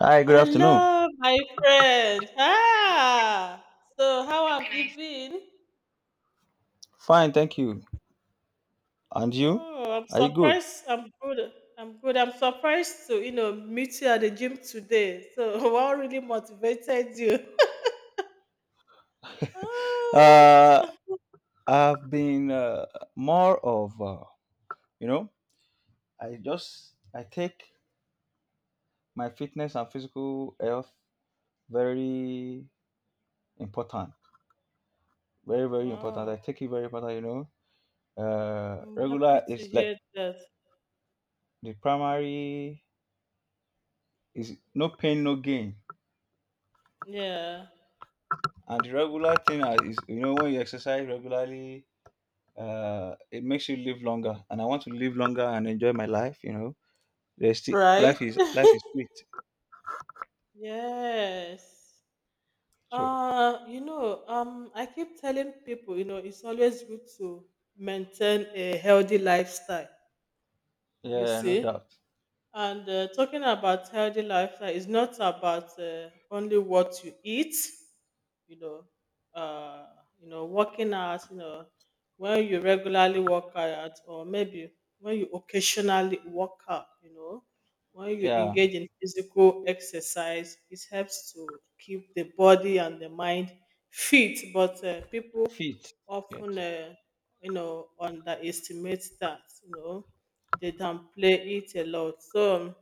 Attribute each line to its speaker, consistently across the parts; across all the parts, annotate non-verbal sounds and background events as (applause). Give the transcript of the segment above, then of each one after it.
Speaker 1: Hi, good afternoon.
Speaker 2: Hello, my friend.
Speaker 1: I hope
Speaker 2: So how
Speaker 1: you
Speaker 2: have you
Speaker 1: can
Speaker 2: been?
Speaker 1: fine, thank you. And you?
Speaker 2: Oh, I'm
Speaker 1: Are you good?
Speaker 2: surprised. I'm good. I'm surprised to meet you at the gym today. So (laughs) what really motivated you? (laughs) Oh,
Speaker 1: Uh, I've been more of, you know, I just I take my fitness and physical health very important, very important. I
Speaker 2: wow,
Speaker 1: take it very important, you know.
Speaker 2: I'm happy
Speaker 1: Regular
Speaker 2: to
Speaker 1: is like
Speaker 2: hear that.
Speaker 1: the primary is no pain, no gain,
Speaker 2: Yeah.
Speaker 1: and the regular thing is you know when you exercise regularly, it makes you live longer and I want to live longer and enjoy my life you know there's still
Speaker 2: Right.
Speaker 1: life is
Speaker 2: (laughs)
Speaker 1: sweet
Speaker 2: Yes.
Speaker 1: so
Speaker 2: I keep telling people, you know, it's always good to maintain a healthy lifestyle. You
Speaker 1: yeah, no
Speaker 2: see,
Speaker 1: doubt.
Speaker 2: and talking about healthy lifestyle is not about only what you eat, you know uh you know, working out, you know, when you regularly work out, or maybe when you occasionally work out, you know, when you
Speaker 1: Yeah,
Speaker 2: engage in physical exercise, it helps to keep the body and the mind fit. But people
Speaker 1: fit. Yes.
Speaker 2: often underestimate that, you know, they downplay it a lot. So,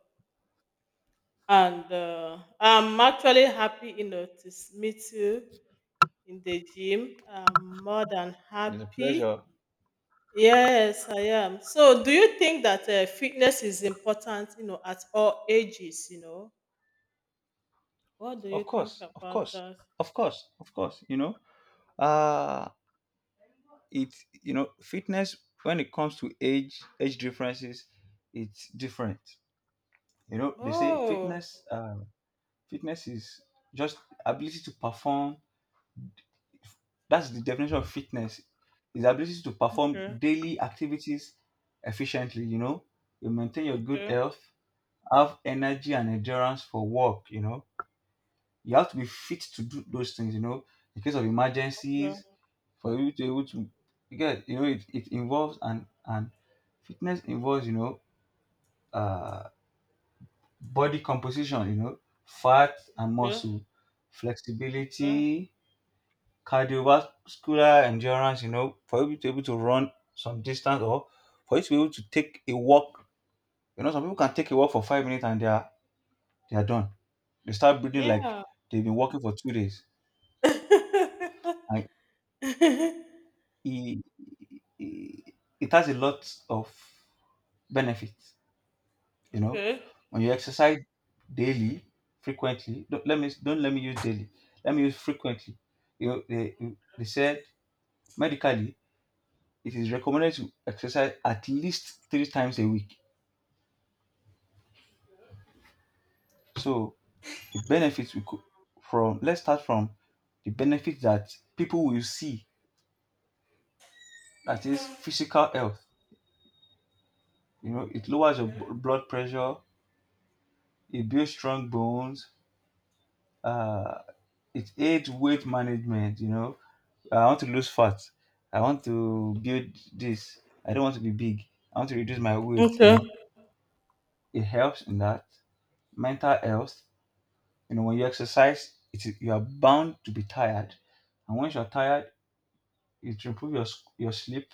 Speaker 2: and I'm actually happy, you know, to meet you in the gym. I'm more than
Speaker 1: It's a
Speaker 2: happy.
Speaker 1: pleasure.
Speaker 2: Yes, I am. So, do you think that fitness is important, you know, at all ages? You know, what do you
Speaker 1: Of
Speaker 2: think
Speaker 1: course, of
Speaker 2: about
Speaker 1: course,
Speaker 2: that?
Speaker 1: of course, of course, you know, uh it's, you know, fitness when it comes to age differences, it's different. You know, they say
Speaker 2: Oh,
Speaker 1: fitness is just ability to perform. That's the definition of fitness. Is the ability to perform
Speaker 2: okay,
Speaker 1: daily activities efficiently, you know. You maintain your good
Speaker 2: okay,
Speaker 1: health, have energy and endurance for work, you know. You have to be fit to do those things, you know, in case of
Speaker 2: yeah,
Speaker 1: emergencies, for you to be able to you get you know it involves and fitness involves, you know, uh body composition, you know, fat and
Speaker 2: yeah,
Speaker 1: muscle,
Speaker 2: okay,
Speaker 1: flexibility, cardiovascular endurance, you know, for you to be able to run some distance or for you to be able to take a walk. You know, some people can take a walk for 5 minutes and they are done. They start breathing like
Speaker 2: yeah.
Speaker 1: they've been walking for 2 days.
Speaker 2: (laughs)
Speaker 1: And it, it, it has a lot of benefits, you know.
Speaker 2: Okay,
Speaker 1: When you exercise daily, frequently, don't let me use daily. Let me use frequently. You know, they said medically it is recommended to exercise at least 3 times a week. So the benefits we could from let's start from the benefits that people will see, that is physical health. You know, it lowers your blood pressure, it builds strong bones, uh, it aids weight management. You know, I want to lose fat, I want to build this, I don't want to be big, I want to reduce my weight. You
Speaker 2: okay,
Speaker 1: know, it helps in that. Mental health. You know, when you exercise, it is, you are bound to be tired, and once you're tired, it improves your your sleep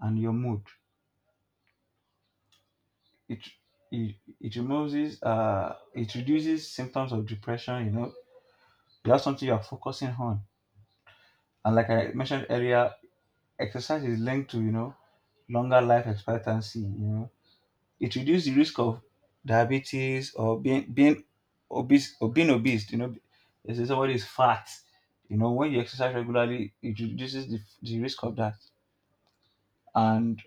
Speaker 1: and your mood. It it removes it reduces symptoms of depression. You know, you have something you are focusing on, and like I mentioned earlier, exercise is linked to, you know, longer life expectancy. You know, it reduces the risk of diabetes or being obese or being obese. You know, they say somebody is fat. You know, when you exercise regularly, it reduces the risk of that. And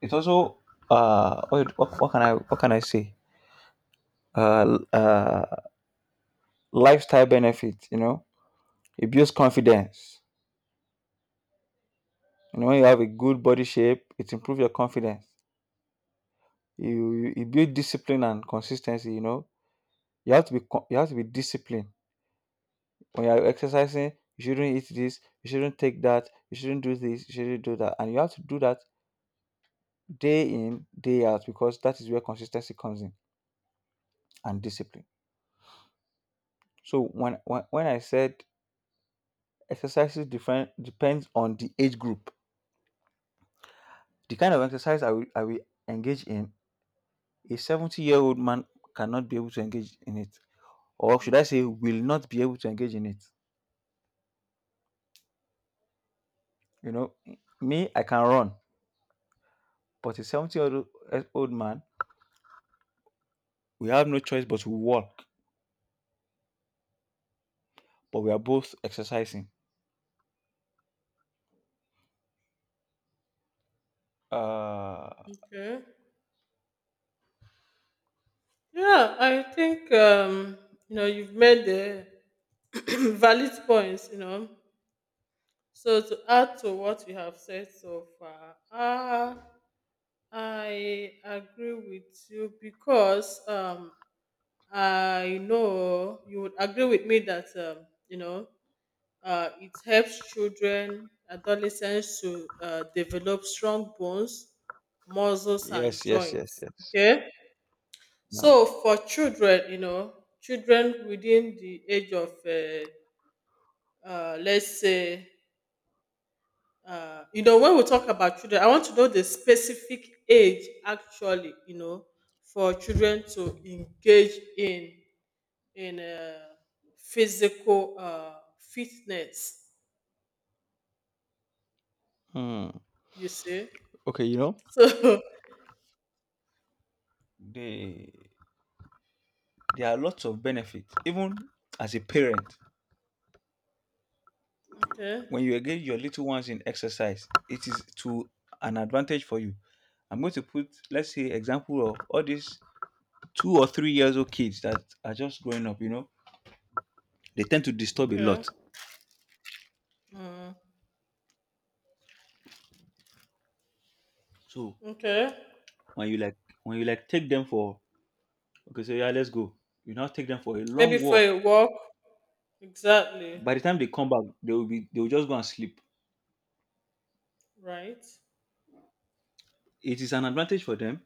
Speaker 1: it also what can I say? Uh, uh Lifestyle benefit, you know. It builds confidence. You know, when you have a good body shape, it improves your confidence. You it builds discipline and consistency, you know. You have to be you have to be disciplined when you're exercising, you shouldn't eat this, you shouldn't take that, you shouldn't do this, you shouldn't do that. And you have to do that day in, day out, because that is where consistency comes in and discipline. So when I said exercises different depends on the age group. The kind of exercise I will engage in, a 70-year-old man cannot be able to engage in it. Or should I say will not be able to engage in it. You know, me, I can run, but a 70 year old man we have no choice but to walk but we are both exercising. Uh,
Speaker 2: okay. Yeah, I think you know, you've made the (clears throat) valid points. You know, so to add to what you have said so far, I agree with you because I know you would agree with me that it helps children, adolescents to develop strong bones, muscles, and
Speaker 1: yes, yes, yes,
Speaker 2: joints.
Speaker 1: yes.
Speaker 2: Okay,
Speaker 1: Yeah.
Speaker 2: so for children, you know, children within the age of, let's say, you know, when we talk about children, I want to know the specific age actually, you know, for children to engage in in uh, physical fitness.
Speaker 1: Hmm.
Speaker 2: You see,
Speaker 1: Okay, you know,
Speaker 2: so
Speaker 1: the, there are lots of benefits. Even as a parent,
Speaker 2: (laughs) okay,
Speaker 1: when you engage your little ones in exercise, it is to an advantage for you. I'm going to put, let's say, example of all these 2 or 3 years old kids that are just growing up. You know, they tend to disturb a
Speaker 2: okay,
Speaker 1: lot.
Speaker 2: mm,
Speaker 1: So
Speaker 2: okay,
Speaker 1: when you like, when you like, take them for okay, so yeah, let's go. You now take them for a
Speaker 2: maybe
Speaker 1: long
Speaker 2: for
Speaker 1: walk
Speaker 2: a walk, exactly,
Speaker 1: by the time they come back they will just go and sleep.
Speaker 2: right.
Speaker 1: It is an advantage for them,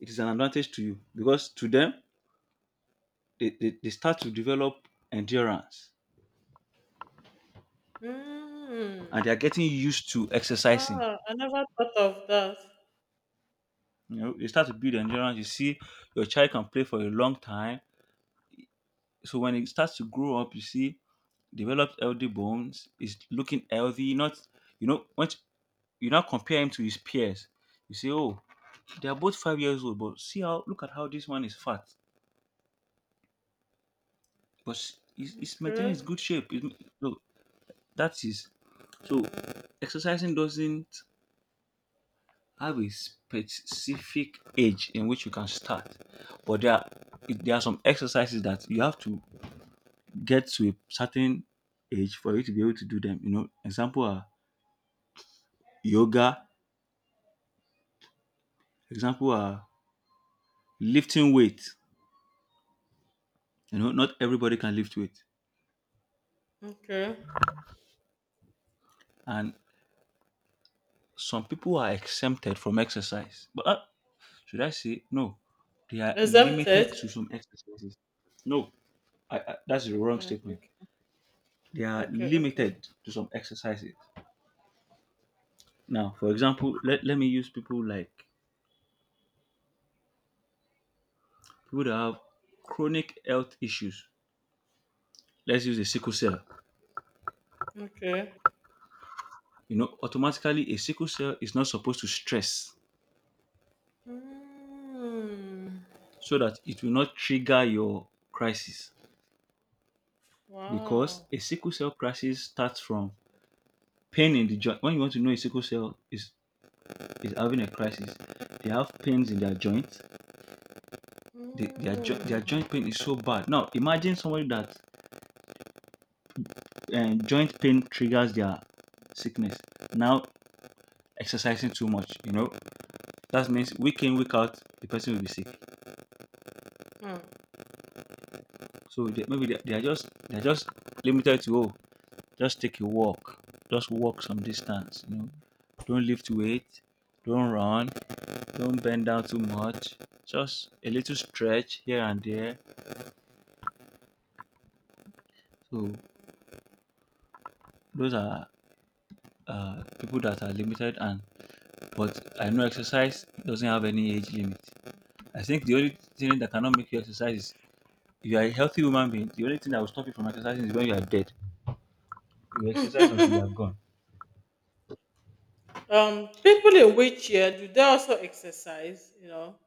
Speaker 1: it is an advantage to you because to them they start to develop endurance and they are
Speaker 2: Hmm.
Speaker 1: getting used to exercising.
Speaker 2: Ah, I never thought of that.
Speaker 1: You know, they start to build endurance, you see, your child can play for a long time. So when it starts to grow up, you see, developed healthy bones, is looking healthy, not, you know, when you now compare him to his peers, you say, oh, they are both 5 years old, but see how look at how this one is fat but it's maintaining
Speaker 2: Okay,
Speaker 1: its good shape. It, so that is so exercising doesn't have a specific age in which you can start, but there are some exercises that you have to get to a certain age for you to be able to do them. You know, example are yoga. Example are lifting weight. You know, not everybody can lift weight,
Speaker 2: okay.
Speaker 1: and some people are exempted from exercise, but that, should I say no? They are
Speaker 2: Exempted.
Speaker 1: limited to some exercises. No, that's the wrong
Speaker 2: Okay,
Speaker 1: statement.
Speaker 2: okay,
Speaker 1: They are
Speaker 2: okay, okay,
Speaker 1: limited to some exercises. Now, for example, let me use people like people that have chronic health issues. Let's use a sickle cell.
Speaker 2: okay.
Speaker 1: You know, automatically a sickle cell is not supposed to stress
Speaker 2: Mm,
Speaker 1: so that it will not trigger your crisis because
Speaker 2: wow.
Speaker 1: a sickle cell crisis starts from pain in the joint. When you want to know a sickle cell is having a crisis. They have pains in their joints. Their their
Speaker 2: Mm,
Speaker 1: joint pain is so bad. Now, imagine somebody that joint pain triggers their sickness. Now, exercising too much, you know, that means week in, week out, the person will be sick.
Speaker 2: hmm.
Speaker 1: So they, maybe they are just limited to, oh, just take a walk, just walk some distance, you know, don't lift weight, don't run, don't bend down too much, just a little stretch here and there. So those are people that are limited and but I know exercise doesn't have any age limit. I think the only thing that cannot make you exercise is if you are a healthy human being, the only thing that will stop you from exercising is when you are dead. You exercise until you are gone.
Speaker 2: People in wheelchair, do they also exercise? You know,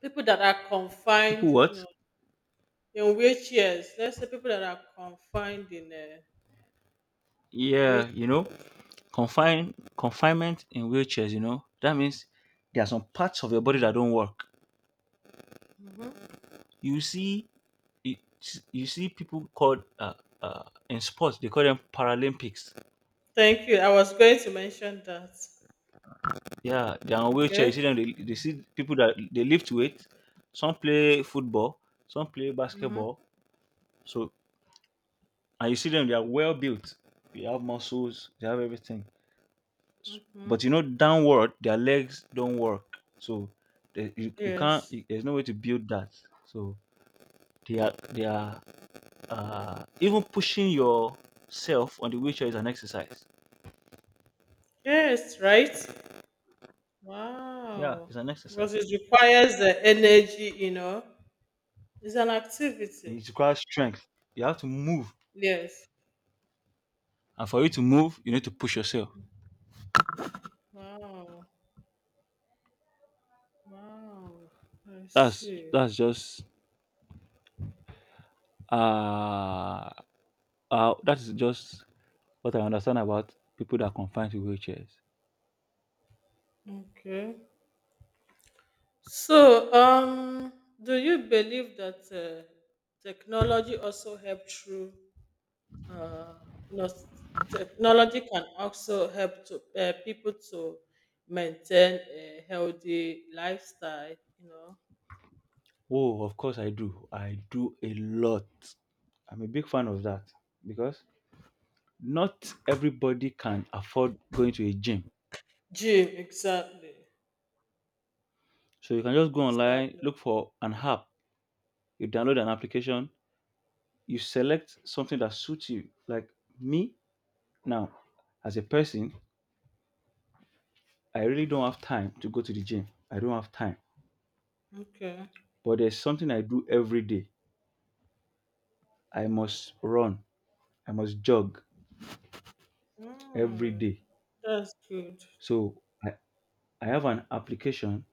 Speaker 2: people that are confined,
Speaker 1: People
Speaker 2: you
Speaker 1: what?
Speaker 2: know, in wheelchairs. Let's say people that are confined in a
Speaker 1: Yeah,
Speaker 2: wheelchair.
Speaker 1: you know, confinement in wheelchairs, you know, that means there are some parts of your body that don't work.
Speaker 2: Hmm.
Speaker 1: You see you, you see people called uh, in sports they call them Paralympics.
Speaker 2: Thank you. I was going to mention that.
Speaker 1: Yeah, they are on wheelchair. You
Speaker 2: Okay.
Speaker 1: see them. They see people that they lift weight. Some play football. Some play
Speaker 2: Mm-hmm.
Speaker 1: basketball. So and you see them. They are well built. They have muscles. They have everything.
Speaker 2: Mm-hmm.
Speaker 1: But you know, downward, their legs don't work. So they, you can't.
Speaker 2: Yes.
Speaker 1: You, there's no way to build that. So they are even pushing yourself on the wheelchair is an exercise.
Speaker 2: Yes, right?
Speaker 1: Yeah,
Speaker 2: Wow.
Speaker 1: it's an exercise.
Speaker 2: Because it requires the energy, you know. It's an activity.
Speaker 1: It requires strength. You have to move,
Speaker 2: Yes.
Speaker 1: and for you to move, you need to push yourself.
Speaker 2: Wow. Wow. I
Speaker 1: That's
Speaker 2: see.
Speaker 1: that's just uh, that's just what I understand about people that are confined to wheelchairs.
Speaker 2: Okay. So, do you believe that technology also help through, uh, you know, technology can also help to people to maintain a healthy lifestyle, you know?
Speaker 1: Oh, of course I do. I do a lot. I'm a big fan of that because not everybody can afford going to a gym.
Speaker 2: Gym, exactly.
Speaker 1: So you can just go online,
Speaker 2: Exactly.
Speaker 1: look for an app, you download an application, you select something that suits you. Like me now, as a person, I really don't have time to go to the gym. I don't have time.
Speaker 2: Okay.
Speaker 1: But there's something I do every day. I must run. I must jog every
Speaker 2: Mm,
Speaker 1: day.
Speaker 2: that's good.
Speaker 1: So I have an application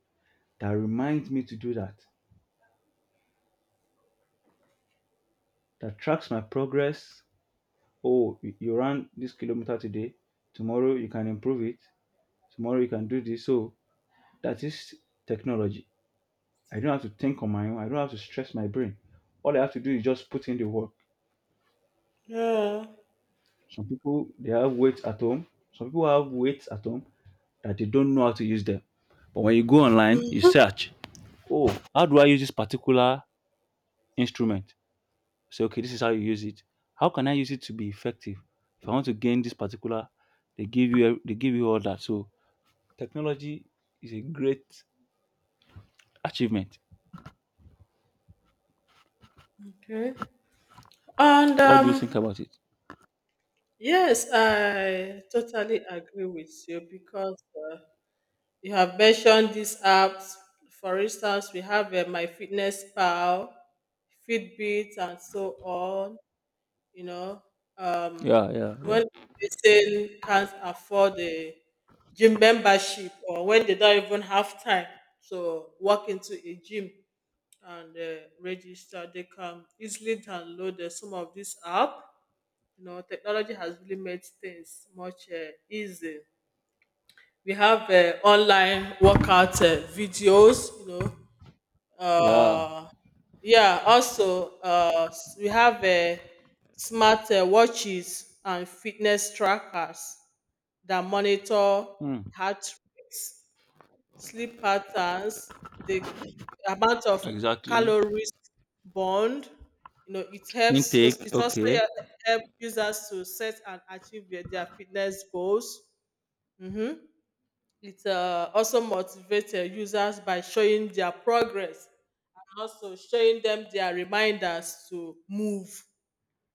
Speaker 1: that reminds me to do that, that tracks my progress. Oh, you ran this kilometer today. Tomorrow you can improve it. Tomorrow you can do this. So that is technology. I don't have to think on my own. I don't have to stress my brain. All I have to do is just put in the work.
Speaker 2: Yeah.
Speaker 1: Some people they have weights at home. Some people have weights at home that they don't know how to use them. But when you go online, you search, oh, how do I use this particular instrument? So okay, this is how you use it. How can I use it to be effective? If I want to gain this particular, they give you they give you all that. So technology is a great achievement.
Speaker 2: Okay. And
Speaker 1: What do you think about it?
Speaker 2: Yes, I totally agree with you because uh, you have mentioned these apps. For instance, we have my fitness pal, Fitbit, and so on. You know, um,
Speaker 1: Yeah, yeah,
Speaker 2: when a
Speaker 1: yeah.
Speaker 2: person can't afford a gym membership, or when they don't even have time to walk into a gym and register, they can easily download some of this app. You know, technology has really made things much easy. We have online workout videos.
Speaker 1: Yeah.
Speaker 2: Uh, yeah. Also, we have smart watches and fitness trackers that monitor
Speaker 1: Hmm.
Speaker 2: heart rate, sleep patterns, the amount of
Speaker 1: Exactly.
Speaker 2: calories burned. You know, it helps.
Speaker 1: Intake.
Speaker 2: It also
Speaker 1: Okay.
Speaker 2: helps users to set and achieve their fitness goals. Mm-hmm. It also motivates users by showing their progress, and also showing them their reminders to move.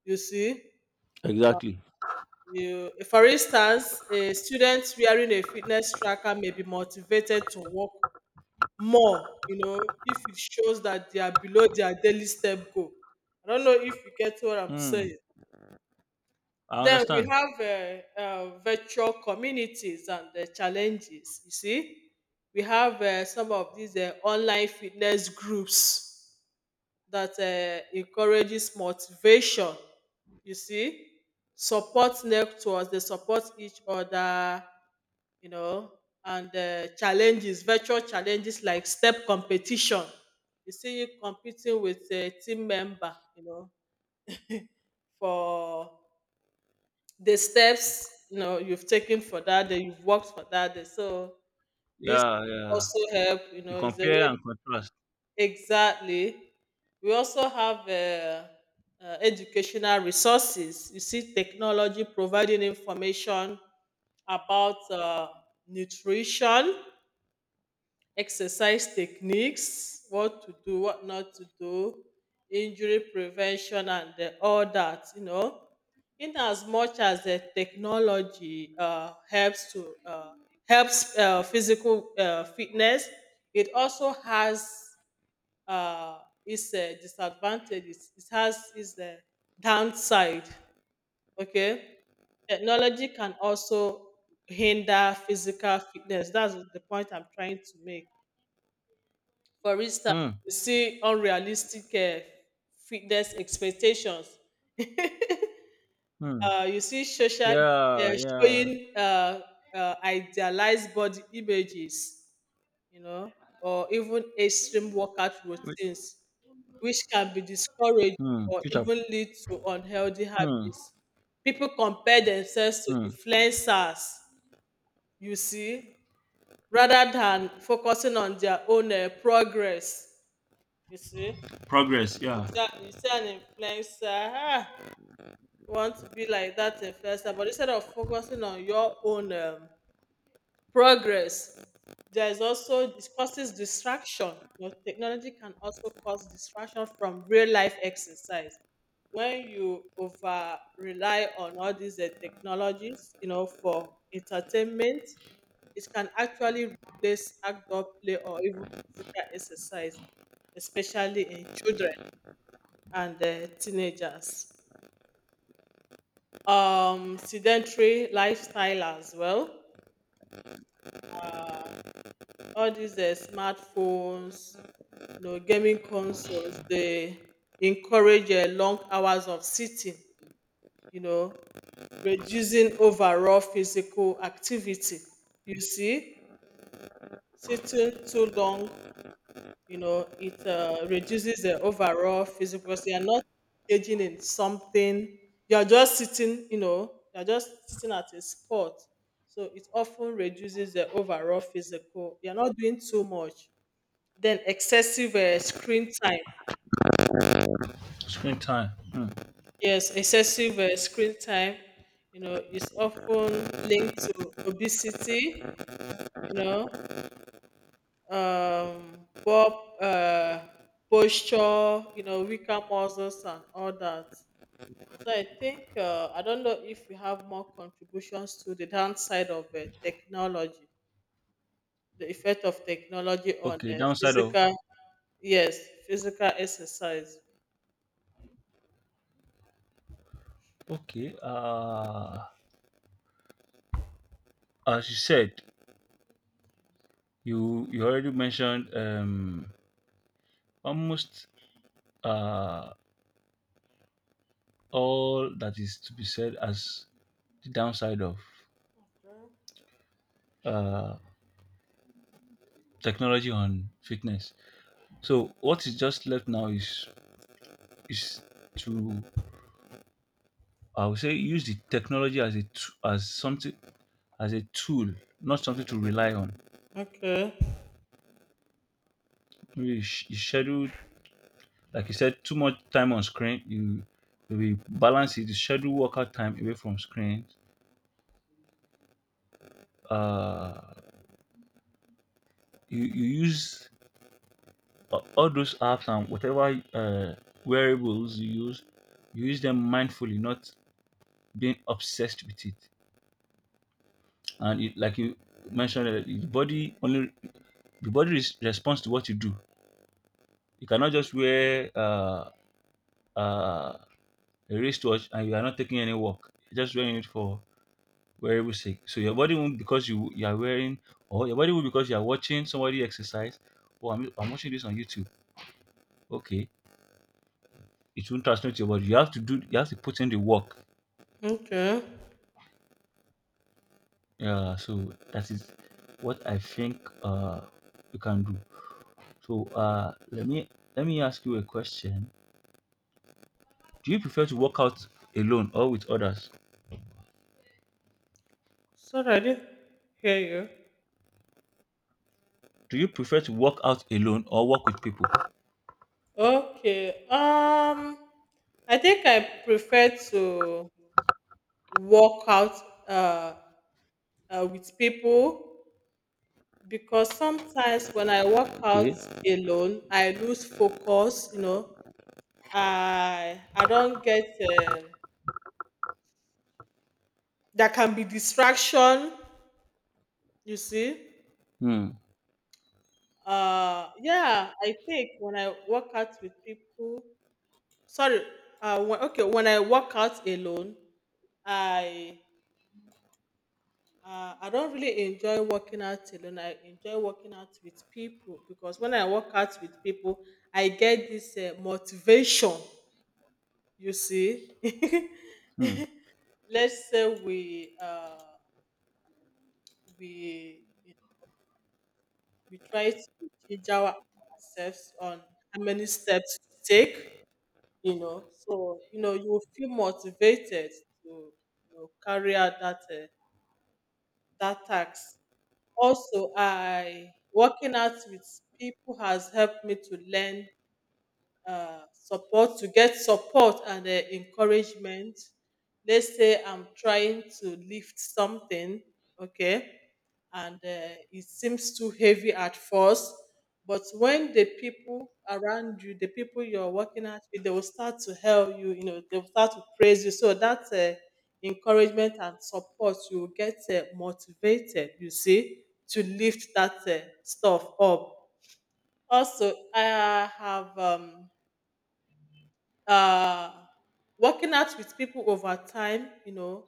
Speaker 2: You see,
Speaker 1: Exactly.
Speaker 2: you, for instance, a student wearing a fitness tracker may be motivated to work more, you know, if it shows that they are below their daily step goal. I don't know if you get what I'm
Speaker 1: Hmm.
Speaker 2: saying.
Speaker 1: I
Speaker 2: Then we
Speaker 1: understand.
Speaker 2: have virtual communities and the challenges. You see, we have some of these online fitness groups that encourages motivation. You see, support networks. They support each other, you know, and challenges, virtual challenges like step competition. You see, you competing with a team member, you know, for the steps, you know, you've taken for that day, you've worked for that day. So this
Speaker 1: Yeah, yeah.
Speaker 2: also help, you
Speaker 1: You
Speaker 2: know, is a
Speaker 1: compare
Speaker 2: way.
Speaker 1: and contrast.
Speaker 2: Exactly. We also have educational resources. You see, technology providing information about nutrition, exercise techniques, what to do, what not to do, injury prevention, and all that. You know, in as much as the technology helps physical fitness, it also has uh, its disadvantages. It has its downside. Okay, technology can also hinder physical fitness. That's the point I'm trying to make. For instance,
Speaker 1: Hmm,
Speaker 2: you see, unrealistic fitness expectations, (laughs)
Speaker 1: hmm.
Speaker 2: you see, social
Speaker 1: Yeah,
Speaker 2: media
Speaker 1: yeah.
Speaker 2: showing idealized body images, you know, or even extreme workout
Speaker 1: Whi
Speaker 2: routines which can be discouraging,
Speaker 1: hmm,
Speaker 2: or
Speaker 1: future.
Speaker 2: even lead to unhealthy
Speaker 1: Hmm,
Speaker 2: habits. People compare themselves to
Speaker 1: hmm.
Speaker 2: influencers, you see, rather than focusing on their own progress. You see,
Speaker 1: Progress, yeah.
Speaker 2: You sound influencer. Ah, you want to be like that influencer, but instead of focusing on your own progress, there is also this causes distraction. Your technology can also cause distraction from real life exercise. When you over rely on all these technologies, you know, for entertainment, it can actually replace outdoor play, or even physical exercise, especially in children and teenagers. Sedentary lifestyle as well. Uh, all these smartphones, you know, gaming consoles, they encourage long hours of sitting, you know, reducing overall physical activity. You see, sitting too long, you know, it reduces the overall physical, because you're not engaging in something, you're just sitting, you know, you're just sitting at a spot, so it often reduces the overall physical, you're not doing too much. Then excessive screen time,
Speaker 1: Screen time. Hmm.
Speaker 2: yes, excessive screen time, you know, is often linked to obesity, you know, poor uh, posture, you know, weaker muscles and all that. So I think I don't know if you have more contributions to the downside of technology, the effect of technology on
Speaker 1: Okay, downside of.
Speaker 2: physical, yes, physical exercise.
Speaker 1: Okay, as you said, you already mentioned almost uh all that is to be said as the downside of uh technology on fitness. So what is just left now is is to, I would say, use the technology as as something as a tool, not something to rely on.
Speaker 2: Okay,
Speaker 1: Maybe you schedule, like you said, too much time on screen. You maybe balance it. You schedule workout time away from screen. Uh, you use all those apps and whatever wearables you use them mindfully, not being obsessed with it. And it, like you mentioned, the body only, the body responds to what you do. You cannot just wear, uh, a wristwatch, and you are not taking any walk, you're just wearing it for wearable sake. So your body won't because you are wearing, or your body will because you are watching somebody exercise. Oh, I'm watching this on YouTube. Okay, it won't transmit to your body. You have to do. You have to put in the work.
Speaker 2: okay.
Speaker 1: Yeah. So that is what I think you can do. So let me ask you a question. Do you prefer to work out alone or with others?
Speaker 2: Sorry, I didn't hear you.
Speaker 1: Do you prefer to work out alone or work with people?
Speaker 2: Okay. I think I prefer to work out uh, with people, because sometimes when I work out
Speaker 1: Okay.
Speaker 2: alone, I lose focus. You know, I don't get, um, there can be distraction, you see.
Speaker 1: Hmm.
Speaker 2: Uh, yeah, I think when I work out with people, sorry, uh, when, okay, when I work out alone, I I don't really enjoy working out alone. I enjoy working out with people, because when I work out with people, I get this motivation. You see, (laughs)
Speaker 1: Hmm.
Speaker 2: let's say we we try to gauge ourselves on how many steps to take, you know. So, you know, you will feel motivated to, you know, carry out that task. Also, I working out with people has helped me to learn support to get support and encouragement. Let's say I'm trying to lift something, okay, and it seems too heavy at first, but when the people around you, the people you're working at with, they will start to help you, you know, they'll start to praise you, so that's encouragement and support, you will get motivated, you see, to lift that stuff up. Also I have uh, working out with people over time, you know,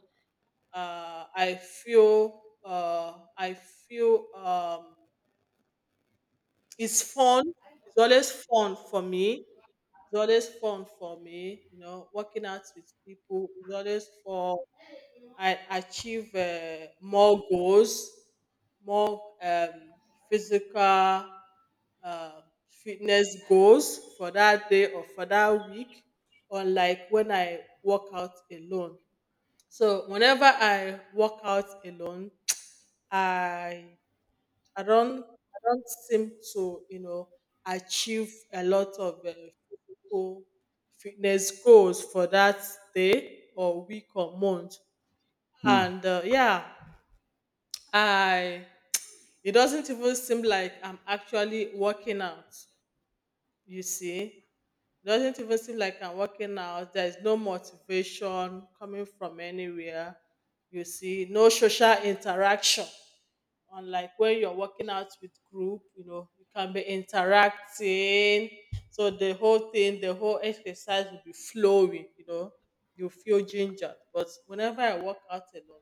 Speaker 2: I feel it's fun. It's always fun for me. It's always fun for me, you know, working out with people is always fun. I achieve more goals, more physical uh, fitness goals for that day or for that week, unlike when I work out alone. So whenever I work out alone, (tsk) I I don't seem to, you know, achieve a lot of physical fitness goals for that day or week or month,
Speaker 1: Hmm.
Speaker 2: and yeah, I it doesn't even seem like I'm actually working out, you see, it doesn't even seem like I'm working out, there's no motivation coming from anywhere, you see, no social interaction, unlike when you're working out with group, you know, you can be interacting, so the whole exercise will be flowing, you know, you feel gingered, but whenever I work out alone,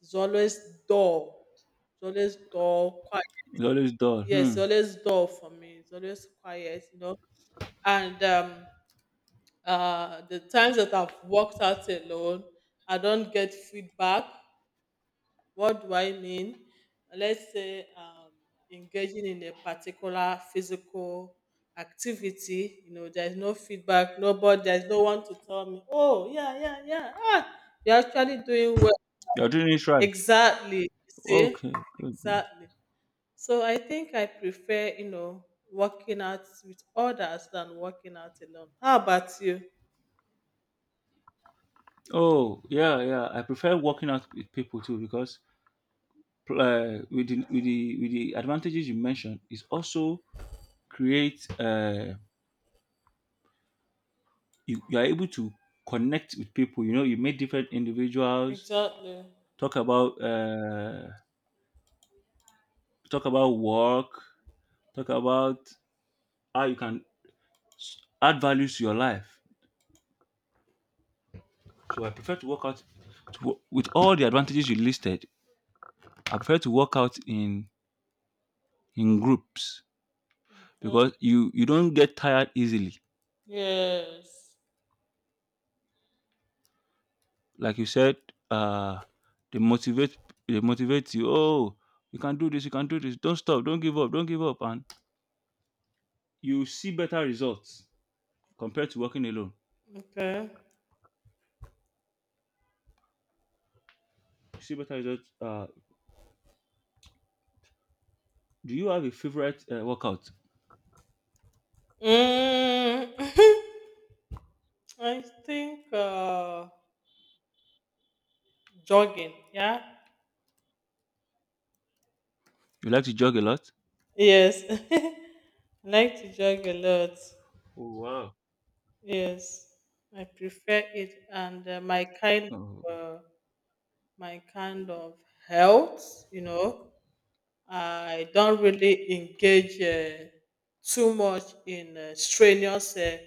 Speaker 2: it's always dull. It's always dull, quiet.
Speaker 1: It's always dull.
Speaker 2: Yes, it's
Speaker 1: Hmm.
Speaker 2: always dull for me. It's always quiet, you know. And The times that I've worked out alone, I don't get feedback. What do I mean? Let's say engaging in a particular physical activity, you know, there's no feedback, nobody, there's no one to tell me, oh, yeah, yeah, yeah, ah, you're actually doing well.
Speaker 1: You're doing it right.
Speaker 2: Exactly. You see?
Speaker 1: Okay, good, good.
Speaker 2: Exactly. So I think I prefer, you know, working out with others than working out alone. How about you?
Speaker 1: Oh, yeah, yeah. I prefer working out with people too because with the advantages you mentioned, it also creates you are able to connect with people. You know, you meet different individuals,
Speaker 2: Exactly.
Speaker 1: talk about uh talk about work, talk about how you can add value to your life. So I prefer to work out with all the advantages you listed. I prefer to work out in groups because
Speaker 2: Okay.
Speaker 1: you don't get tired easily.
Speaker 2: Yes.
Speaker 1: Like you said, uh, they motivate they motivate you. Oh, you can do this. You can do this. Don't stop. Don't give up. Don't give up. And you see better results compared to working alone.
Speaker 2: Okay.
Speaker 1: You see better results. Do you have a favorite workout?
Speaker 2: Mm, (laughs) I think jogging. Yeah.
Speaker 1: You like to jog a lot?
Speaker 2: Yes. (laughs) I like to jog a lot.
Speaker 1: Oh, wow.
Speaker 2: Yes. I prefer it, and
Speaker 1: Oh,
Speaker 2: of uh, my kind of health. You know, I don't really engage too much in strenuous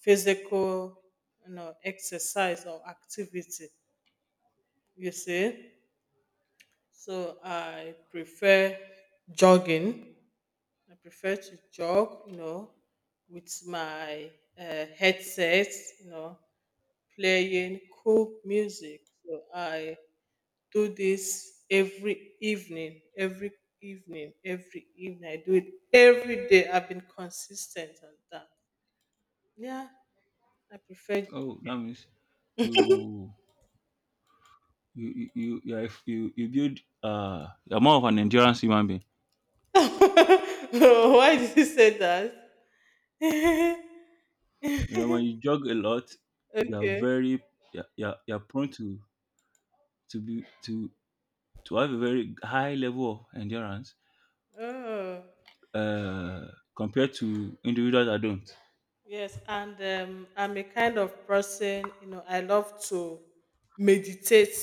Speaker 2: physical, exercise or activity, you see. So I prefer jogging. I prefer to jog, you know, with my headset, you know, playing cool music. So I do this every evening, every evening. I do it every day. I've been consistent on that. Yeah, I prefer.
Speaker 1: oh, that means you you're more of an endurance human being.
Speaker 2: (laughs) Why did you say that? (laughs)
Speaker 1: You know, when you jog a lot, you are
Speaker 2: Okay.
Speaker 1: very, you're prone to be to have a very high level of endurance,
Speaker 2: Oh,
Speaker 1: uh, compared to individuals that don't.
Speaker 2: yes. And I'm a kind of person, you know, I love to meditate.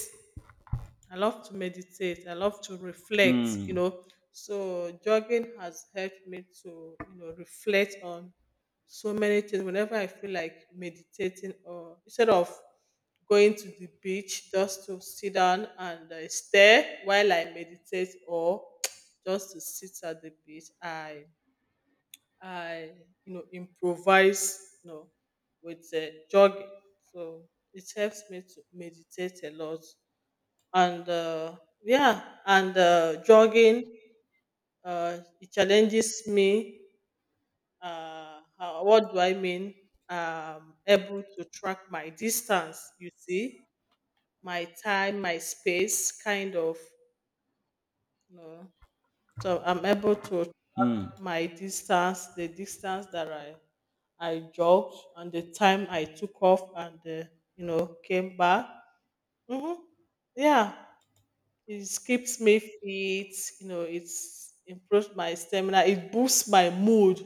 Speaker 2: I love to reflect, you
Speaker 1: Hmm.
Speaker 2: know. So jogging has helped me to, you know, reflect on so many things. Whenever I feel like meditating, or instead of going to the beach just to sit down and stare while I meditate, or (tsk) just to sit at the beach, I, you know, improvise, you know, with jogging. So it helps me to meditate a lot, and yeah, and jogging, it challenges me. How, what do I mean Able to track my distance, you see, my time, my space, kind of, you know. So I'm able to
Speaker 1: Hmm.
Speaker 2: track my distance, the distance that I jogged, and the time I took off and you know came back. Hmm. Yeah. It keeps me fit. You know, it's improves my stamina. It boosts my mood.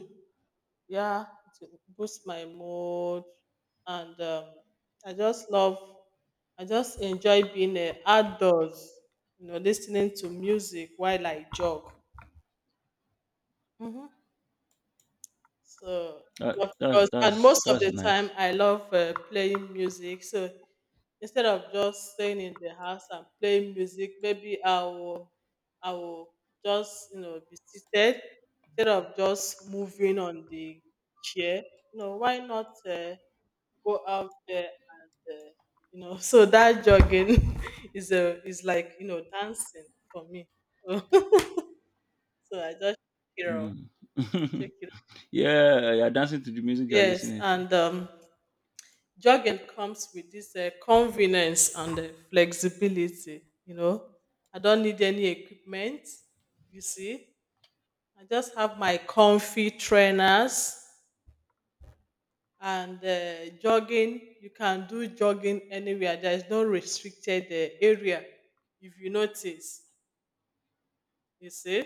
Speaker 2: Yeah, it boosts my mood, and I just love. I just enjoy being outdoors. You know, listening to music while I jog. Mhm. So,
Speaker 1: That,
Speaker 2: of
Speaker 1: that's
Speaker 2: course, and
Speaker 1: that's
Speaker 2: most of
Speaker 1: that's
Speaker 2: the time
Speaker 1: nice.
Speaker 2: I love playing music. So instead of just staying in the house and playing music, maybe I will just you know be seated instead of just moving on the chair. You know, why not go out there and you know? (laughs) So that jogging (laughs) is a is like you know dancing for me. (laughs) So I just shake it off.
Speaker 1: Hmm.
Speaker 2: I shake
Speaker 1: (laughs)
Speaker 2: it off.
Speaker 1: Yeah, you're dancing to the music you're
Speaker 2: Yes,
Speaker 1: listening to.
Speaker 2: and jogging comes with this convenience and flexibility, you know. I don't need any equipment, you see. I just have my comfy trainers, and jogging, you can do jogging anywhere. There is no restricted area, if you notice, you see.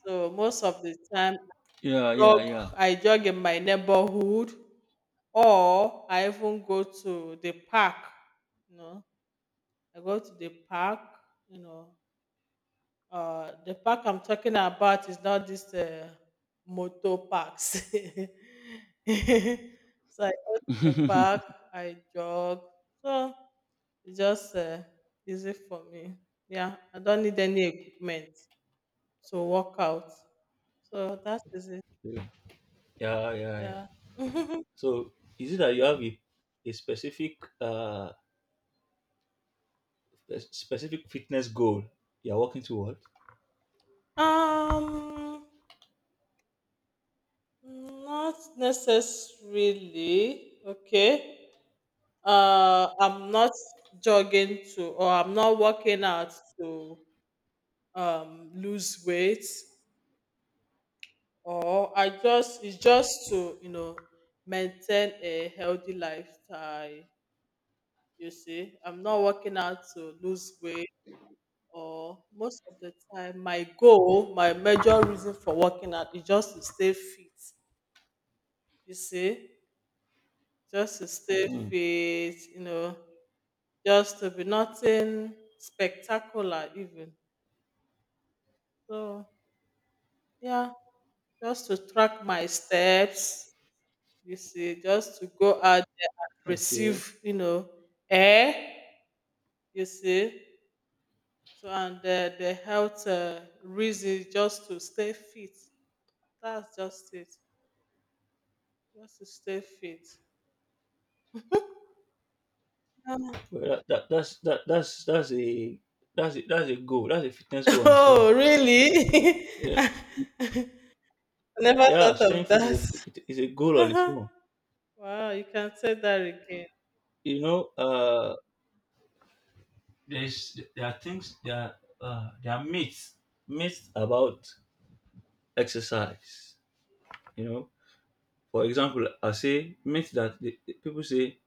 Speaker 2: So most of the time I
Speaker 1: Yeah, yeah,
Speaker 2: jog.
Speaker 1: yeah.
Speaker 2: I jog in my neighborhood or I even go to the park. No. I go to the park, you know. The park I'm talking about is not this motor parks. (laughs) So I go to the park,
Speaker 1: (laughs)
Speaker 2: I jog. So it's just easy for me. Yeah, I don't need any equipment to work out. So that is it.
Speaker 1: Yeah, yeah, yeah.
Speaker 2: Yeah. (laughs)
Speaker 1: So is it that you have a specific uh a specific fitness goal you're working toward?
Speaker 2: um, Not necessarily. Okay. Uh, I'm not jogging to, or I'm not working out to lose weight, or I just, it's just to, you know, maintain a healthy lifestyle. You see, I'm not working out to lose weight. Or most of the time my goal, my major reason for working out, is just to stay fit. You see, just to stay fit, you know, just to be nothing spectacular even. So yeah, just to track my steps, you see, just to go out there and
Speaker 1: Okay,
Speaker 2: receive, you know, air, you see. So and the health reason, just to stay fit. That's just it. Just to stay fit. Yeah.
Speaker 1: well, that's a goal. That's a fitness
Speaker 2: (laughs)
Speaker 1: goal on its own.
Speaker 2: Oh, really? (laughs)
Speaker 1: Yeah,
Speaker 2: I never
Speaker 1: yeah,
Speaker 2: thought
Speaker 1: staying
Speaker 2: of
Speaker 1: fit is
Speaker 2: that.
Speaker 1: a goal on its
Speaker 2: Uh-huh.
Speaker 1: own.
Speaker 2: Wow, you can say that again.
Speaker 1: You know, there's there are things, there are uh, there are myths myths about exercise. You know, for example, I say myth that the people say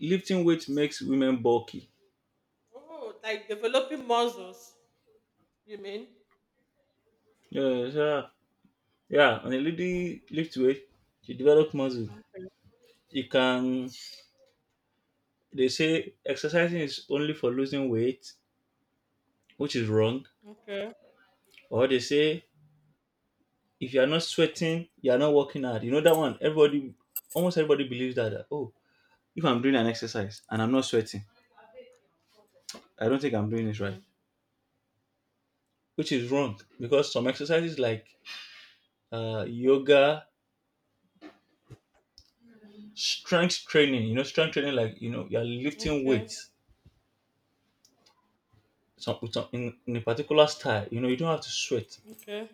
Speaker 1: lifting weight makes women bulky.
Speaker 2: Oh, like developing muscles, you mean?
Speaker 1: Yeah, yeah, yeah. When a lady lifts weight, she develops muscle.
Speaker 2: Mm.
Speaker 1: You can. They say exercising is only for losing weight, which is wrong.
Speaker 2: Okay,
Speaker 1: Or they say if you are not sweating, you are not working hard. You know that one. Everybody, almost everybody believes that, oh, if I'm doing an exercise and I'm not sweating, I don't think I'm doing it right.
Speaker 2: okay.
Speaker 1: Which is wrong because some exercises like yoga, strength training. You know, strength training, like, you know, you're lifting
Speaker 2: Okay,
Speaker 1: weights. Some, with some in a particular style. You know, you don't have to sweat,
Speaker 2: okay.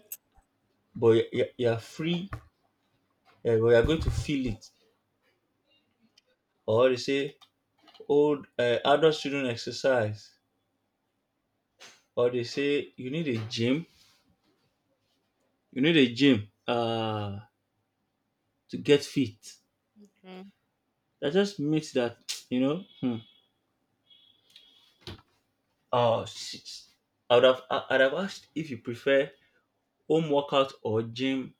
Speaker 1: but you're free. You're going to feel it. Or they say old adult children exercise, or they say you need a gym, you need a gym uh to get fit.
Speaker 2: Mm.
Speaker 1: That just makes that. (tsk) You know. Hmm. Oh, shit. I'd have asked if you prefer home workout or gym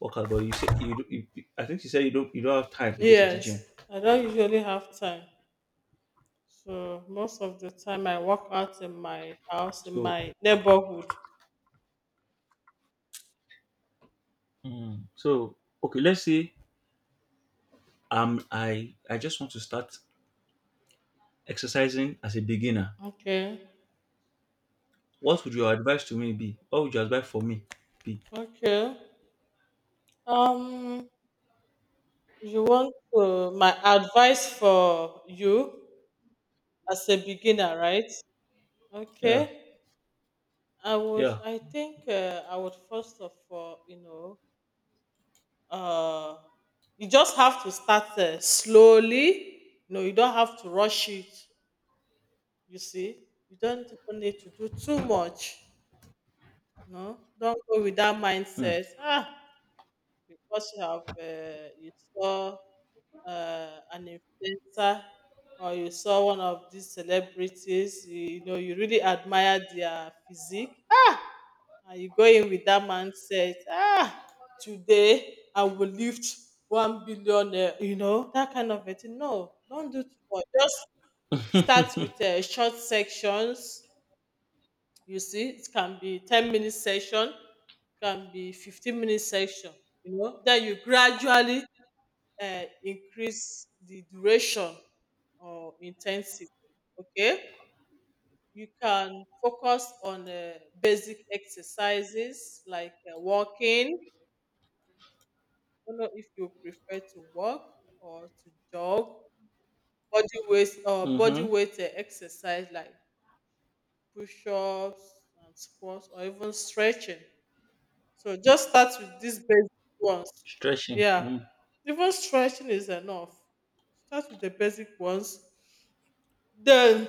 Speaker 1: workout, but you say you, don't- you, I think you said you don't have time to go to the gym.
Speaker 2: Yes, I don't usually have time. So most of the time I work out in my house, in
Speaker 1: So,
Speaker 2: my neighborhood.
Speaker 1: hmm, so, okay, let's say, I just want to start exercising as a beginner.
Speaker 2: Okay,
Speaker 1: What would your advice to me be? What would your advice for me be?
Speaker 2: okay. Um, you want my advice for you as a beginner, right?
Speaker 1: Yeah.
Speaker 2: Okay.
Speaker 1: Yeah.
Speaker 2: I think I would first of all, you know, uh, you just have to start slowly. You know, you don't have to rush it. You see, you don't even need to do too much. No, don't go with that
Speaker 1: Mm.
Speaker 2: mindset. Ah, because you have you saw an influencer, or you saw one of these celebrities. You know, you really admire their physique, and you go in with that mindset. Ah, today I will lift 1 billion. You know that kind of a thing. No, don't do too much. Just start with short sections. You see, it can be 10-minute session, can be 15-minute session, you know. Then you gradually increase the duration or intensity. Okay. You can focus on basic exercises like walking. I don't know if you prefer to walk or to jog, body
Speaker 1: Mm-hmm.
Speaker 2: weight exercise like push ups and squats, or even stretching. So
Speaker 1: Mm.
Speaker 2: just start with these basic ones.
Speaker 1: Stretching.
Speaker 2: Yeah.
Speaker 1: Mm.
Speaker 2: Even stretching is enough. Start with the basic ones. Then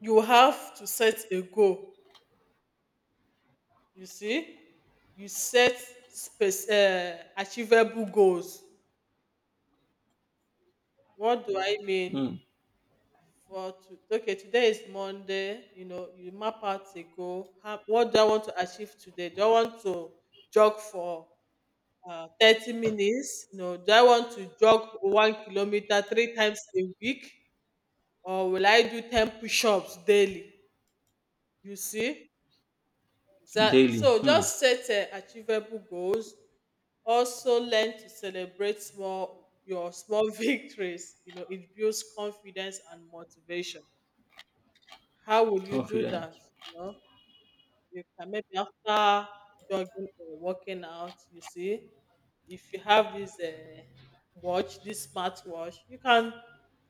Speaker 2: you have to set a goal. You see? You set space, achievable goals. What do I mean?
Speaker 1: Mm.
Speaker 2: For to, okay, today is Monday. You know, you map out a goal. How, what do I want to achieve today? Do I want to jog for 30 minutes? No, do I want to jog 1 kilometer three times a week, or will I do 10 push ups daily? You see, exactly.
Speaker 1: Daily.
Speaker 2: So
Speaker 1: Mm.
Speaker 2: just set achievable goals. Also, learn to celebrate small your small (laughs) victories. You know, it builds confidence and motivation. How will you do that?
Speaker 1: Confidence.
Speaker 2: You know? You can maybe after jogging or working out, you see, if you have this watch, this smart watch, you can,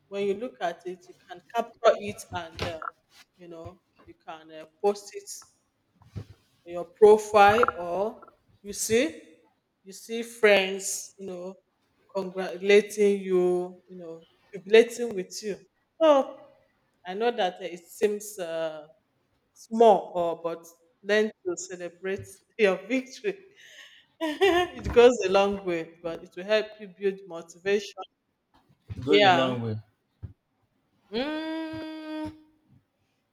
Speaker 2: when you look at it, you can capture it and, you know, you can post it on your profile, or you see, you see friends, you know, congratulating you, you know, jubilating with you. So I know that it seems small or but learn to celebrate (laughs) your victory. (laughs) It goes a long way, but it will help you build motivation.
Speaker 1: It goes a
Speaker 2: Yeah.
Speaker 1: long way.
Speaker 2: Mm,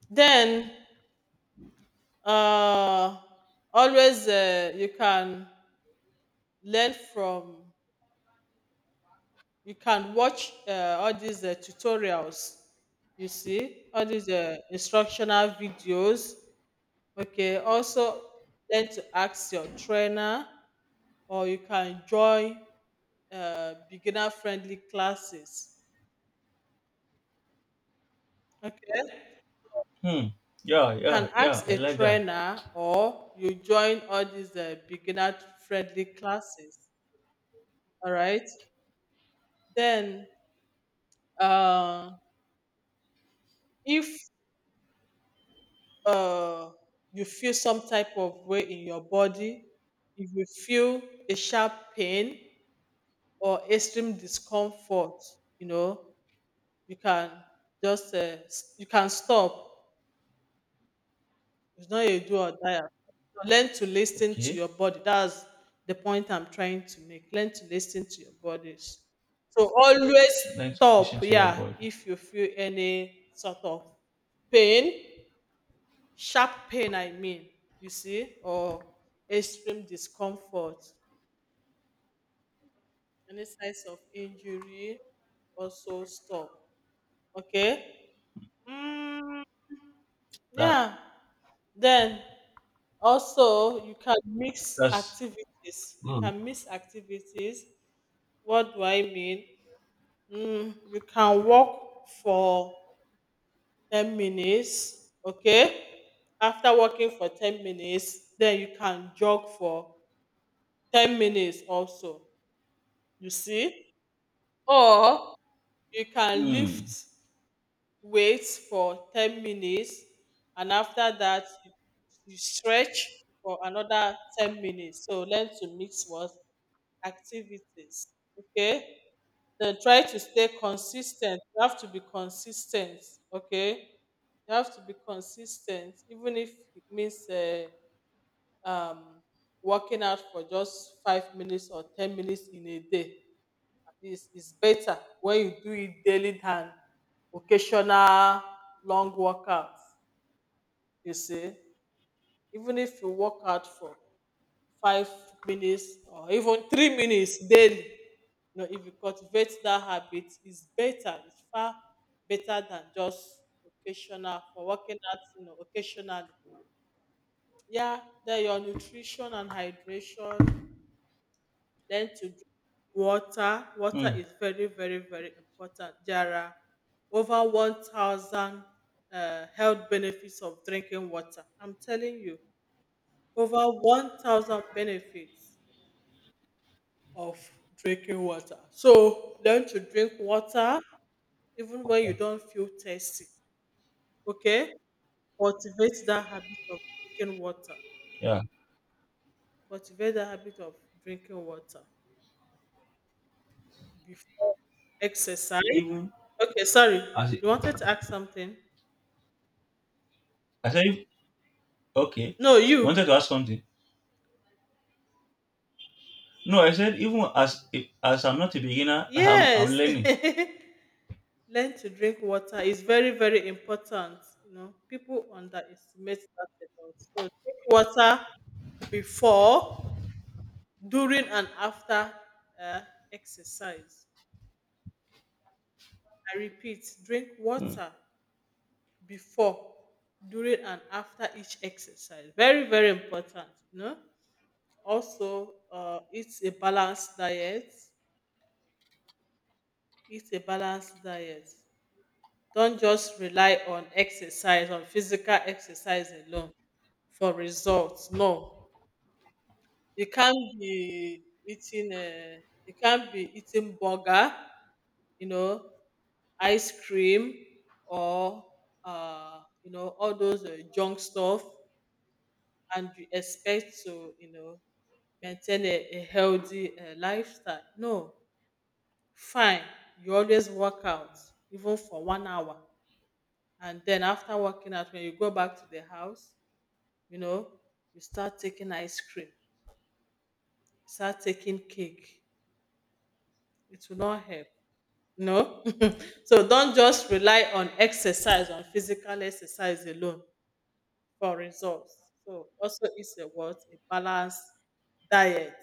Speaker 2: then uh, always you can learn from, you can watch all these tutorials. You see all these instructional videos. Okay. Also learn to ask your trainer, or you can join beginner friendly classes. Okay,
Speaker 1: Hmm. Yeah,
Speaker 2: you
Speaker 1: yeah,
Speaker 2: can
Speaker 1: yeah.
Speaker 2: ask
Speaker 1: I
Speaker 2: a
Speaker 1: like that.
Speaker 2: trainer or you join all these beginner friendly classes. All right, then uh, if uh, you feel some type of way in your body, if you feel a sharp pain or extreme discomfort, you know, you can just you can stop. It's not a do or die affair. Learn to listen to
Speaker 1: Okay.
Speaker 2: your body. That's the point I'm trying to make. Learn to listen to your bodies. So always
Speaker 1: Learn to listen
Speaker 2: stop.
Speaker 1: to your
Speaker 2: Yeah,
Speaker 1: body.
Speaker 2: if you feel any sort of pain, sharp pain, I mean, you see, or extreme discomfort, any signs of injury, also stop. Okay. Mm,
Speaker 1: That
Speaker 2: yeah. Then also, you can mix
Speaker 1: that's
Speaker 2: activities.
Speaker 1: mm.
Speaker 2: What do I mean? Mm, you can walk for 10 minutes, okay? After walking for 10 minutes, then you can jog for 10 minutes also. You see? Or you can lift
Speaker 1: Mm.
Speaker 2: weights for 10 minutes, and after that, you stretch for another 10 minutes. So learn to mix what activities. Okay. Then try to stay consistent. You have to be consistent. Okay. You have to be consistent, even if it means um, working out for just 5 minutes or 10 minutes in a day. At it's better when you do it daily than occasional long workouts. You see, even if you work out for 5 minutes or even 3 minutes daily, you know, if you cultivate that habit, it's better, it's far better than just occasional for working out, you know, occasionally. Yeah, then your nutrition and hydration. Learn to drink water. Water
Speaker 1: Mm.
Speaker 2: is very, very, very important. There are over 1000 health benefits of drinking water, I'm telling you. Over 1000 benefits of drinking water. So learn to drink water even when you don't feel thirsty. Okay? Cultivate that habit of drinking water.
Speaker 1: Yeah.
Speaker 2: Cultivate that habit of drinking water before exercise.
Speaker 1: Even
Speaker 2: Okay, sorry.
Speaker 1: as
Speaker 2: You wanted to ask something?
Speaker 1: I said, okay. You
Speaker 2: No,
Speaker 1: wanted
Speaker 2: you.
Speaker 1: to ask something. No, I said even as if, as I'm not a beginner, I'm
Speaker 2: Yes.
Speaker 1: learning.
Speaker 2: (laughs) Learn to drink water is very, very important. You know, people underestimate that a lot. So drink water before, during and after uh, exercise. I repeat, drink
Speaker 1: Mm.
Speaker 2: water before, during, and after each exercise. Very, very important. You know? Also, eat a balanced diet. Eat a balanced diet. Don't just rely on exercise, on physical exercise alone for results. No, you can't be eating. Uh, you can't be eating burger, you know, ice cream, or you know, all those junk stuff, and you expect to you know maintain a healthy lifestyle. No, fine. You always work out even for 1 hour, and then after working out, when you go back to the house, you know you start taking ice cream, start taking cake. It will not help. No, (laughs) so don't just rely on exercise, on physical exercise alone for results. So also it's a what? A balanced diet.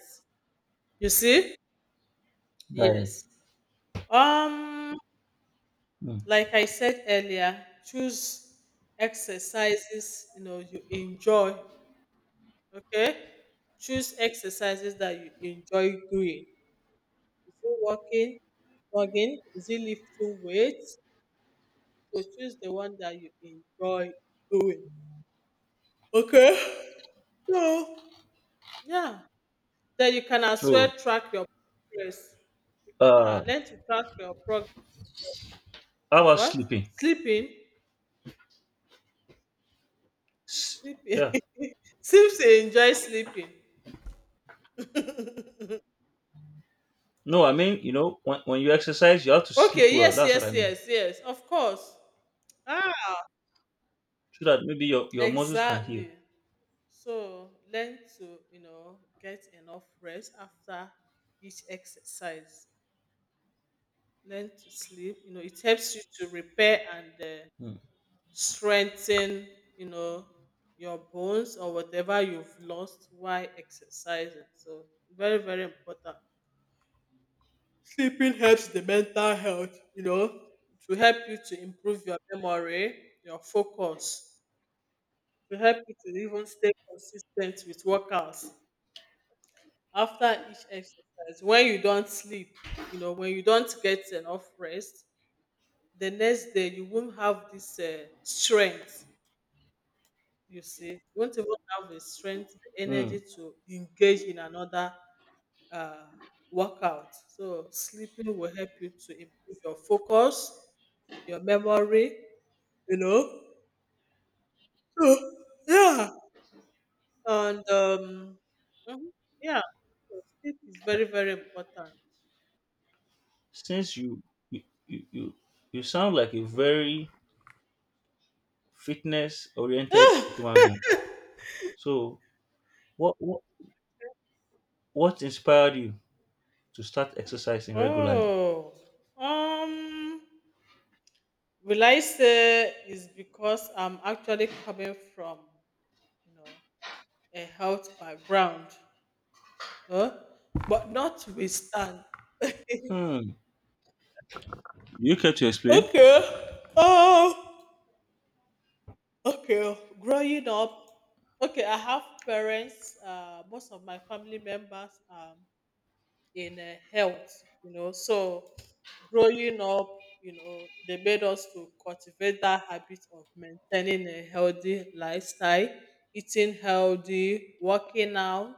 Speaker 2: You see?
Speaker 1: Right.
Speaker 2: Yes. Um,
Speaker 1: Mm.
Speaker 2: like I said earlier, choose exercises you know you enjoy. Okay. Choose exercises that you enjoy doing. Is it walking, jogging? Is it lifting weights? So choose the one that you enjoy doing. Okay. (laughs) So yeah. Then you can as well
Speaker 1: So,
Speaker 2: track your progress. Yeah,
Speaker 1: uh
Speaker 2: learn to track your progress.
Speaker 1: how about
Speaker 2: What?
Speaker 1: sleeping?
Speaker 2: Sleeping?
Speaker 1: Yeah.
Speaker 2: Sleeping. (laughs) Seems to enjoy sleeping. (laughs)
Speaker 1: No, I mean, you know, when you exercise, you have to sleep
Speaker 2: Okay,
Speaker 1: well.
Speaker 2: yes,
Speaker 1: That's what
Speaker 2: yes,
Speaker 1: I mean.
Speaker 2: yes, yes. Of course. Ah,
Speaker 1: So that maybe your muscles can
Speaker 2: exactly.
Speaker 1: heal.
Speaker 2: So learn to, you know, get enough rest after each exercise. Learn to sleep. You know, it helps you to repair and
Speaker 1: Mm.
Speaker 2: strengthen, you know, your bones or whatever you've lost while exercising, so very, very important. Sleeping helps the mental health, you know, to help you to improve your memory, your focus, to help you to even stay consistent with workouts. After each exercise, when you don't sleep, you know, when you don't get enough rest, the next day you won't have this strength. You see, you won't even have the strength, the
Speaker 1: Mm.
Speaker 2: energy to engage in another uh, workout. So, sleeping will help you to improve your focus, your memory, you know. So, yeah. And, mhm, yeah, so sleep is very, very important.
Speaker 1: Since you, you you you sound like a very fitness oriented human
Speaker 2: (sighs)
Speaker 1: being. So what, what what inspired you to start exercising regularly?
Speaker 2: Oh, um, will I say is because I'm actually coming from, you know, a health background. Huh? But notwithstand.
Speaker 1: Hmm. You care to explain?
Speaker 2: Okay. Oh, okay. Growing up, okay, I have parents. Most of my family members. In health, you know. So growing up, you know, they made us to cultivate that habit of maintaining a healthy lifestyle, eating healthy, working out,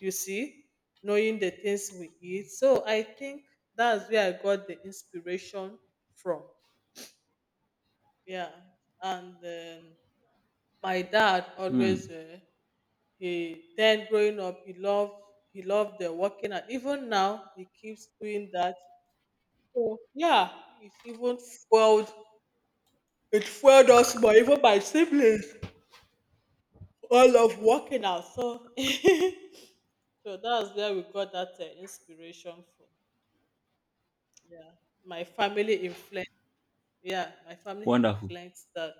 Speaker 2: you see, knowing the things we eat. So I think that's where I got the inspiration from. Yeah. And my dad always
Speaker 1: Hmm.
Speaker 2: he then growing up he loved the working out. Even now he keeps doing that, so yeah, it even fueled it fueled us more, even my siblings all love working out. So (laughs) so that's where we got that inspiration from. Yeah, my family influence. Yeah, my family
Speaker 1: Wonderful.
Speaker 2: influenced that.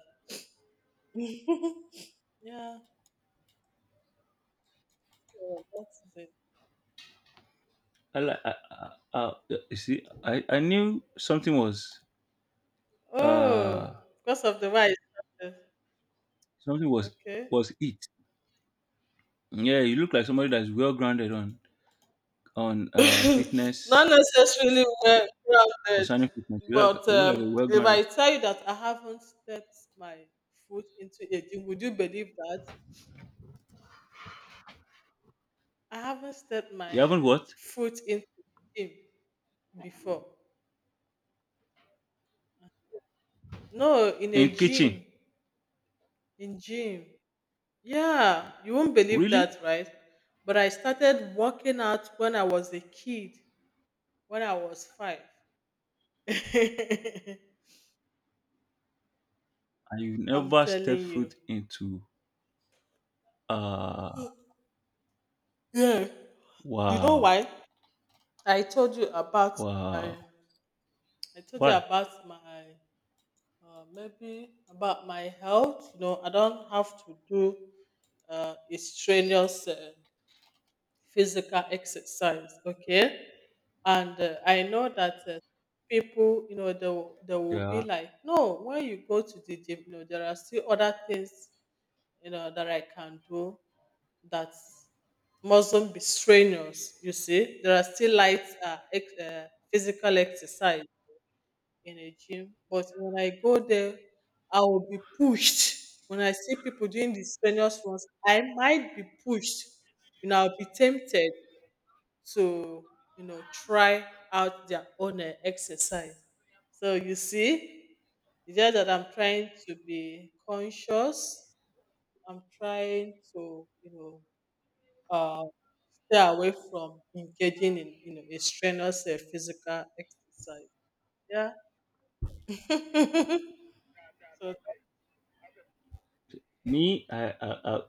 Speaker 2: (laughs) Yeah, so that's it.
Speaker 1: I, like I, I, I, you see, I knew something was uh
Speaker 2: Oh, because of the way I started.
Speaker 1: something was
Speaker 2: Okay.
Speaker 1: was it. Yeah, you look like somebody that's well grounded on
Speaker 2: (laughs) Not
Speaker 1: fitness,
Speaker 2: necessarily well grounded,
Speaker 1: concerning fitness.
Speaker 2: but
Speaker 1: You look like a well
Speaker 2: if
Speaker 1: grounded.
Speaker 2: I tell you that I haven't stepped my foot into a gym, would you believe that? I haven't stepped my
Speaker 1: You haven't what?
Speaker 2: foot into a gym before. No, in a
Speaker 1: In kitchen?
Speaker 2: gym, in gym. Yeah, you won't believe
Speaker 1: Really?
Speaker 2: that, right? But I started working out when I was a kid, when I was five. (laughs) I'm
Speaker 1: And you never step
Speaker 2: telling you.
Speaker 1: foot into. Uh
Speaker 2: Yeah. You know
Speaker 1: wow,
Speaker 2: why? I told you about my,
Speaker 1: wow.
Speaker 2: I told you
Speaker 1: Why?
Speaker 2: about my maybe about my health. You know, I don't have to do a strenuous physical exercise. Okay, and I know that people, you know, they will be
Speaker 1: Yeah,
Speaker 2: like, no, when you go to the gym, you know, there are still other things, you know, that I can do that mustn't be strenuous. You see, there are still light physical exercise in a gym. But when I go there, I will be pushed. When I see people doing the strenuous ones, I might be pushed. You know, I'll be tempted to, you know, try out their own eh, exercise. So you see, it's just that I'm trying to be conscious. I'm trying to, you know, uh, stay away from engaging in, you know, a strenuous eh, physical exercise. Yeah. (laughs) So
Speaker 1: me,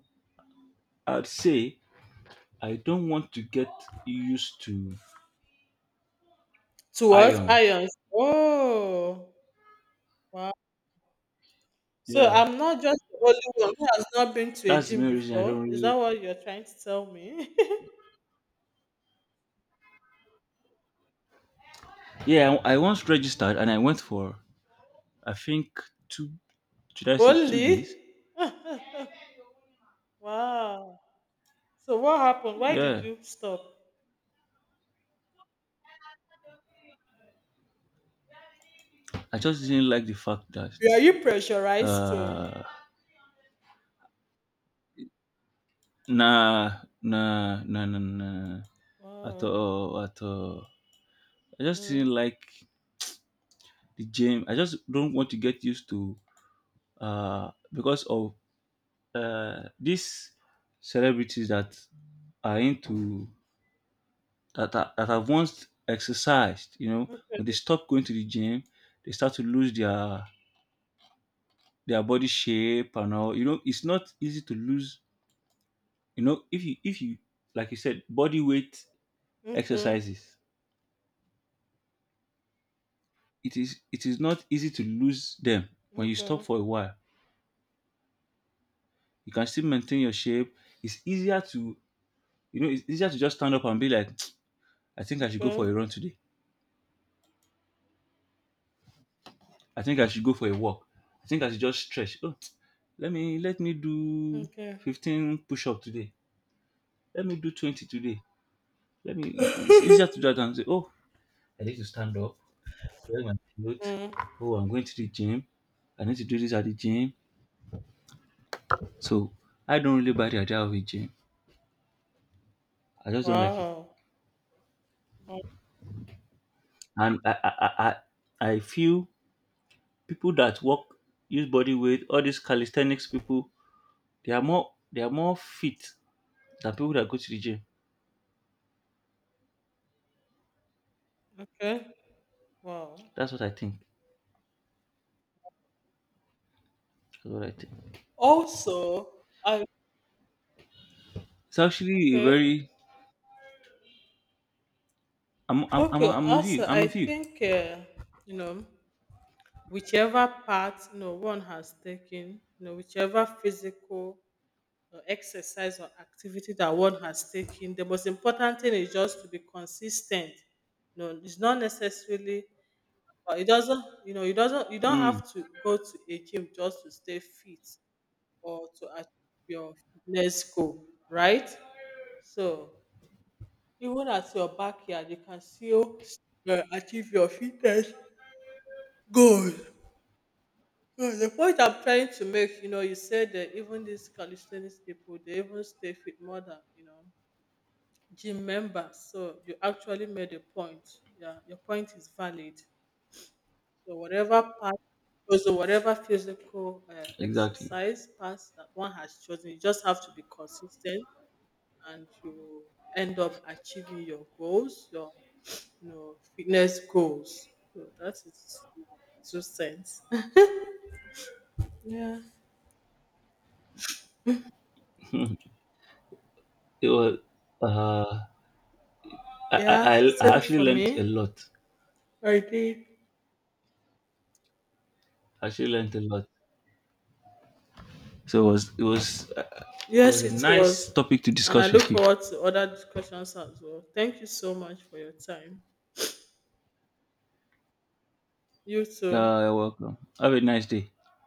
Speaker 1: I'd say I don't want to get used to
Speaker 2: to what?
Speaker 1: ions.
Speaker 2: Irons. Oh, wow. So
Speaker 1: Yeah,
Speaker 2: I'm not just the only one who has not been to a
Speaker 1: that's the
Speaker 2: gym
Speaker 1: main reason I don't
Speaker 2: before. Is that
Speaker 1: really.
Speaker 2: what you're trying to tell me? (laughs)
Speaker 1: Yeah, I once
Speaker 2: Hmm.
Speaker 1: registered and I went for, I think two, should I say 2 days?
Speaker 2: Only? (laughs) Wow. So what happened? Why did
Speaker 1: Yeah,
Speaker 2: you stop?
Speaker 1: I just didn't like the fact that,
Speaker 2: Were you pressurized to?
Speaker 1: uh nah, nah, nah, nah, nah. At
Speaker 2: Wow.
Speaker 1: all, at all. I just
Speaker 2: Mm.
Speaker 1: didn't like the gym. I just don't want to get used to, because of these celebrities that are into, that are, that have once exercised, you know, when they stop going to the gym, they start to lose their body shape and all. You know, it's not easy to lose. You know, if you, like you said, body weight
Speaker 2: Okay.
Speaker 1: exercises, it is, not easy to lose them when you stop
Speaker 2: Okay.
Speaker 1: for a while. You can still maintain your shape. It's easier to, you know, it's easier to just stand up and be like, (tsk) I think I should go for
Speaker 2: Okay.
Speaker 1: a run today. I think I should go for a walk. I think I should just stretch. Oh, (tsk) let me do
Speaker 2: Okay.
Speaker 1: 15 push-up today. Let me do 20 today. Let me, it's easier to do
Speaker 2: (laughs)
Speaker 1: that than say, oh, I need to stand up, wear my clothes.
Speaker 2: Mm.
Speaker 1: Oh, I'm going to the gym. I need to do this at the gym. So I don't really buy the idea of a gym. I just don't like it.
Speaker 2: Wow. Wow.
Speaker 1: And I, I feel people that work use body weight, all these calisthenics people, they are more, fit than people that go to the gym.
Speaker 2: Okay. Wow.
Speaker 1: That's what I think. That's what I think.
Speaker 2: Also, I
Speaker 1: It's actually a
Speaker 2: okay.
Speaker 1: very.
Speaker 2: Okay,
Speaker 1: I'm with
Speaker 2: also,
Speaker 1: you. I'm
Speaker 2: I
Speaker 1: with you.
Speaker 2: think you know, whichever path, you know, one has taken, you know, whichever physical exercise or activity that one has taken, the most important thing is just to be consistent. No, it's not necessarily. But it doesn't. You know, it doesn't. You don't
Speaker 1: Mm,
Speaker 2: have to go to a gym just to stay fit or to achieve your fitness goal, right? So even at your backyard, you can still achieve your fitness. Good. Yeah, the point I'm trying to make, you know, you said that even these calisthenics people, they even stay fit more than, you know, gym members. So you actually made a point. Yeah, your point is valid. So whatever part, so whatever physical
Speaker 1: exactly.
Speaker 2: exercise path that one has chosen, you just have to be consistent, and you end up achieving your goals, your, you know, fitness goals. So that is two cents. (laughs) Yeah.
Speaker 1: (laughs) It was, uh
Speaker 2: Yeah,
Speaker 1: I
Speaker 2: same
Speaker 1: actually
Speaker 2: for
Speaker 1: learned a
Speaker 2: me.
Speaker 1: lot.
Speaker 2: I did.
Speaker 1: I actually learned a lot. So it was
Speaker 2: Yes,
Speaker 1: a
Speaker 2: it
Speaker 1: nice
Speaker 2: was.
Speaker 1: topic to
Speaker 2: And I
Speaker 1: discuss
Speaker 2: look
Speaker 1: with you.
Speaker 2: forward to other discussions as well. Thank you so much for your time. You too.
Speaker 1: Yeah, you're welcome. Have a nice day.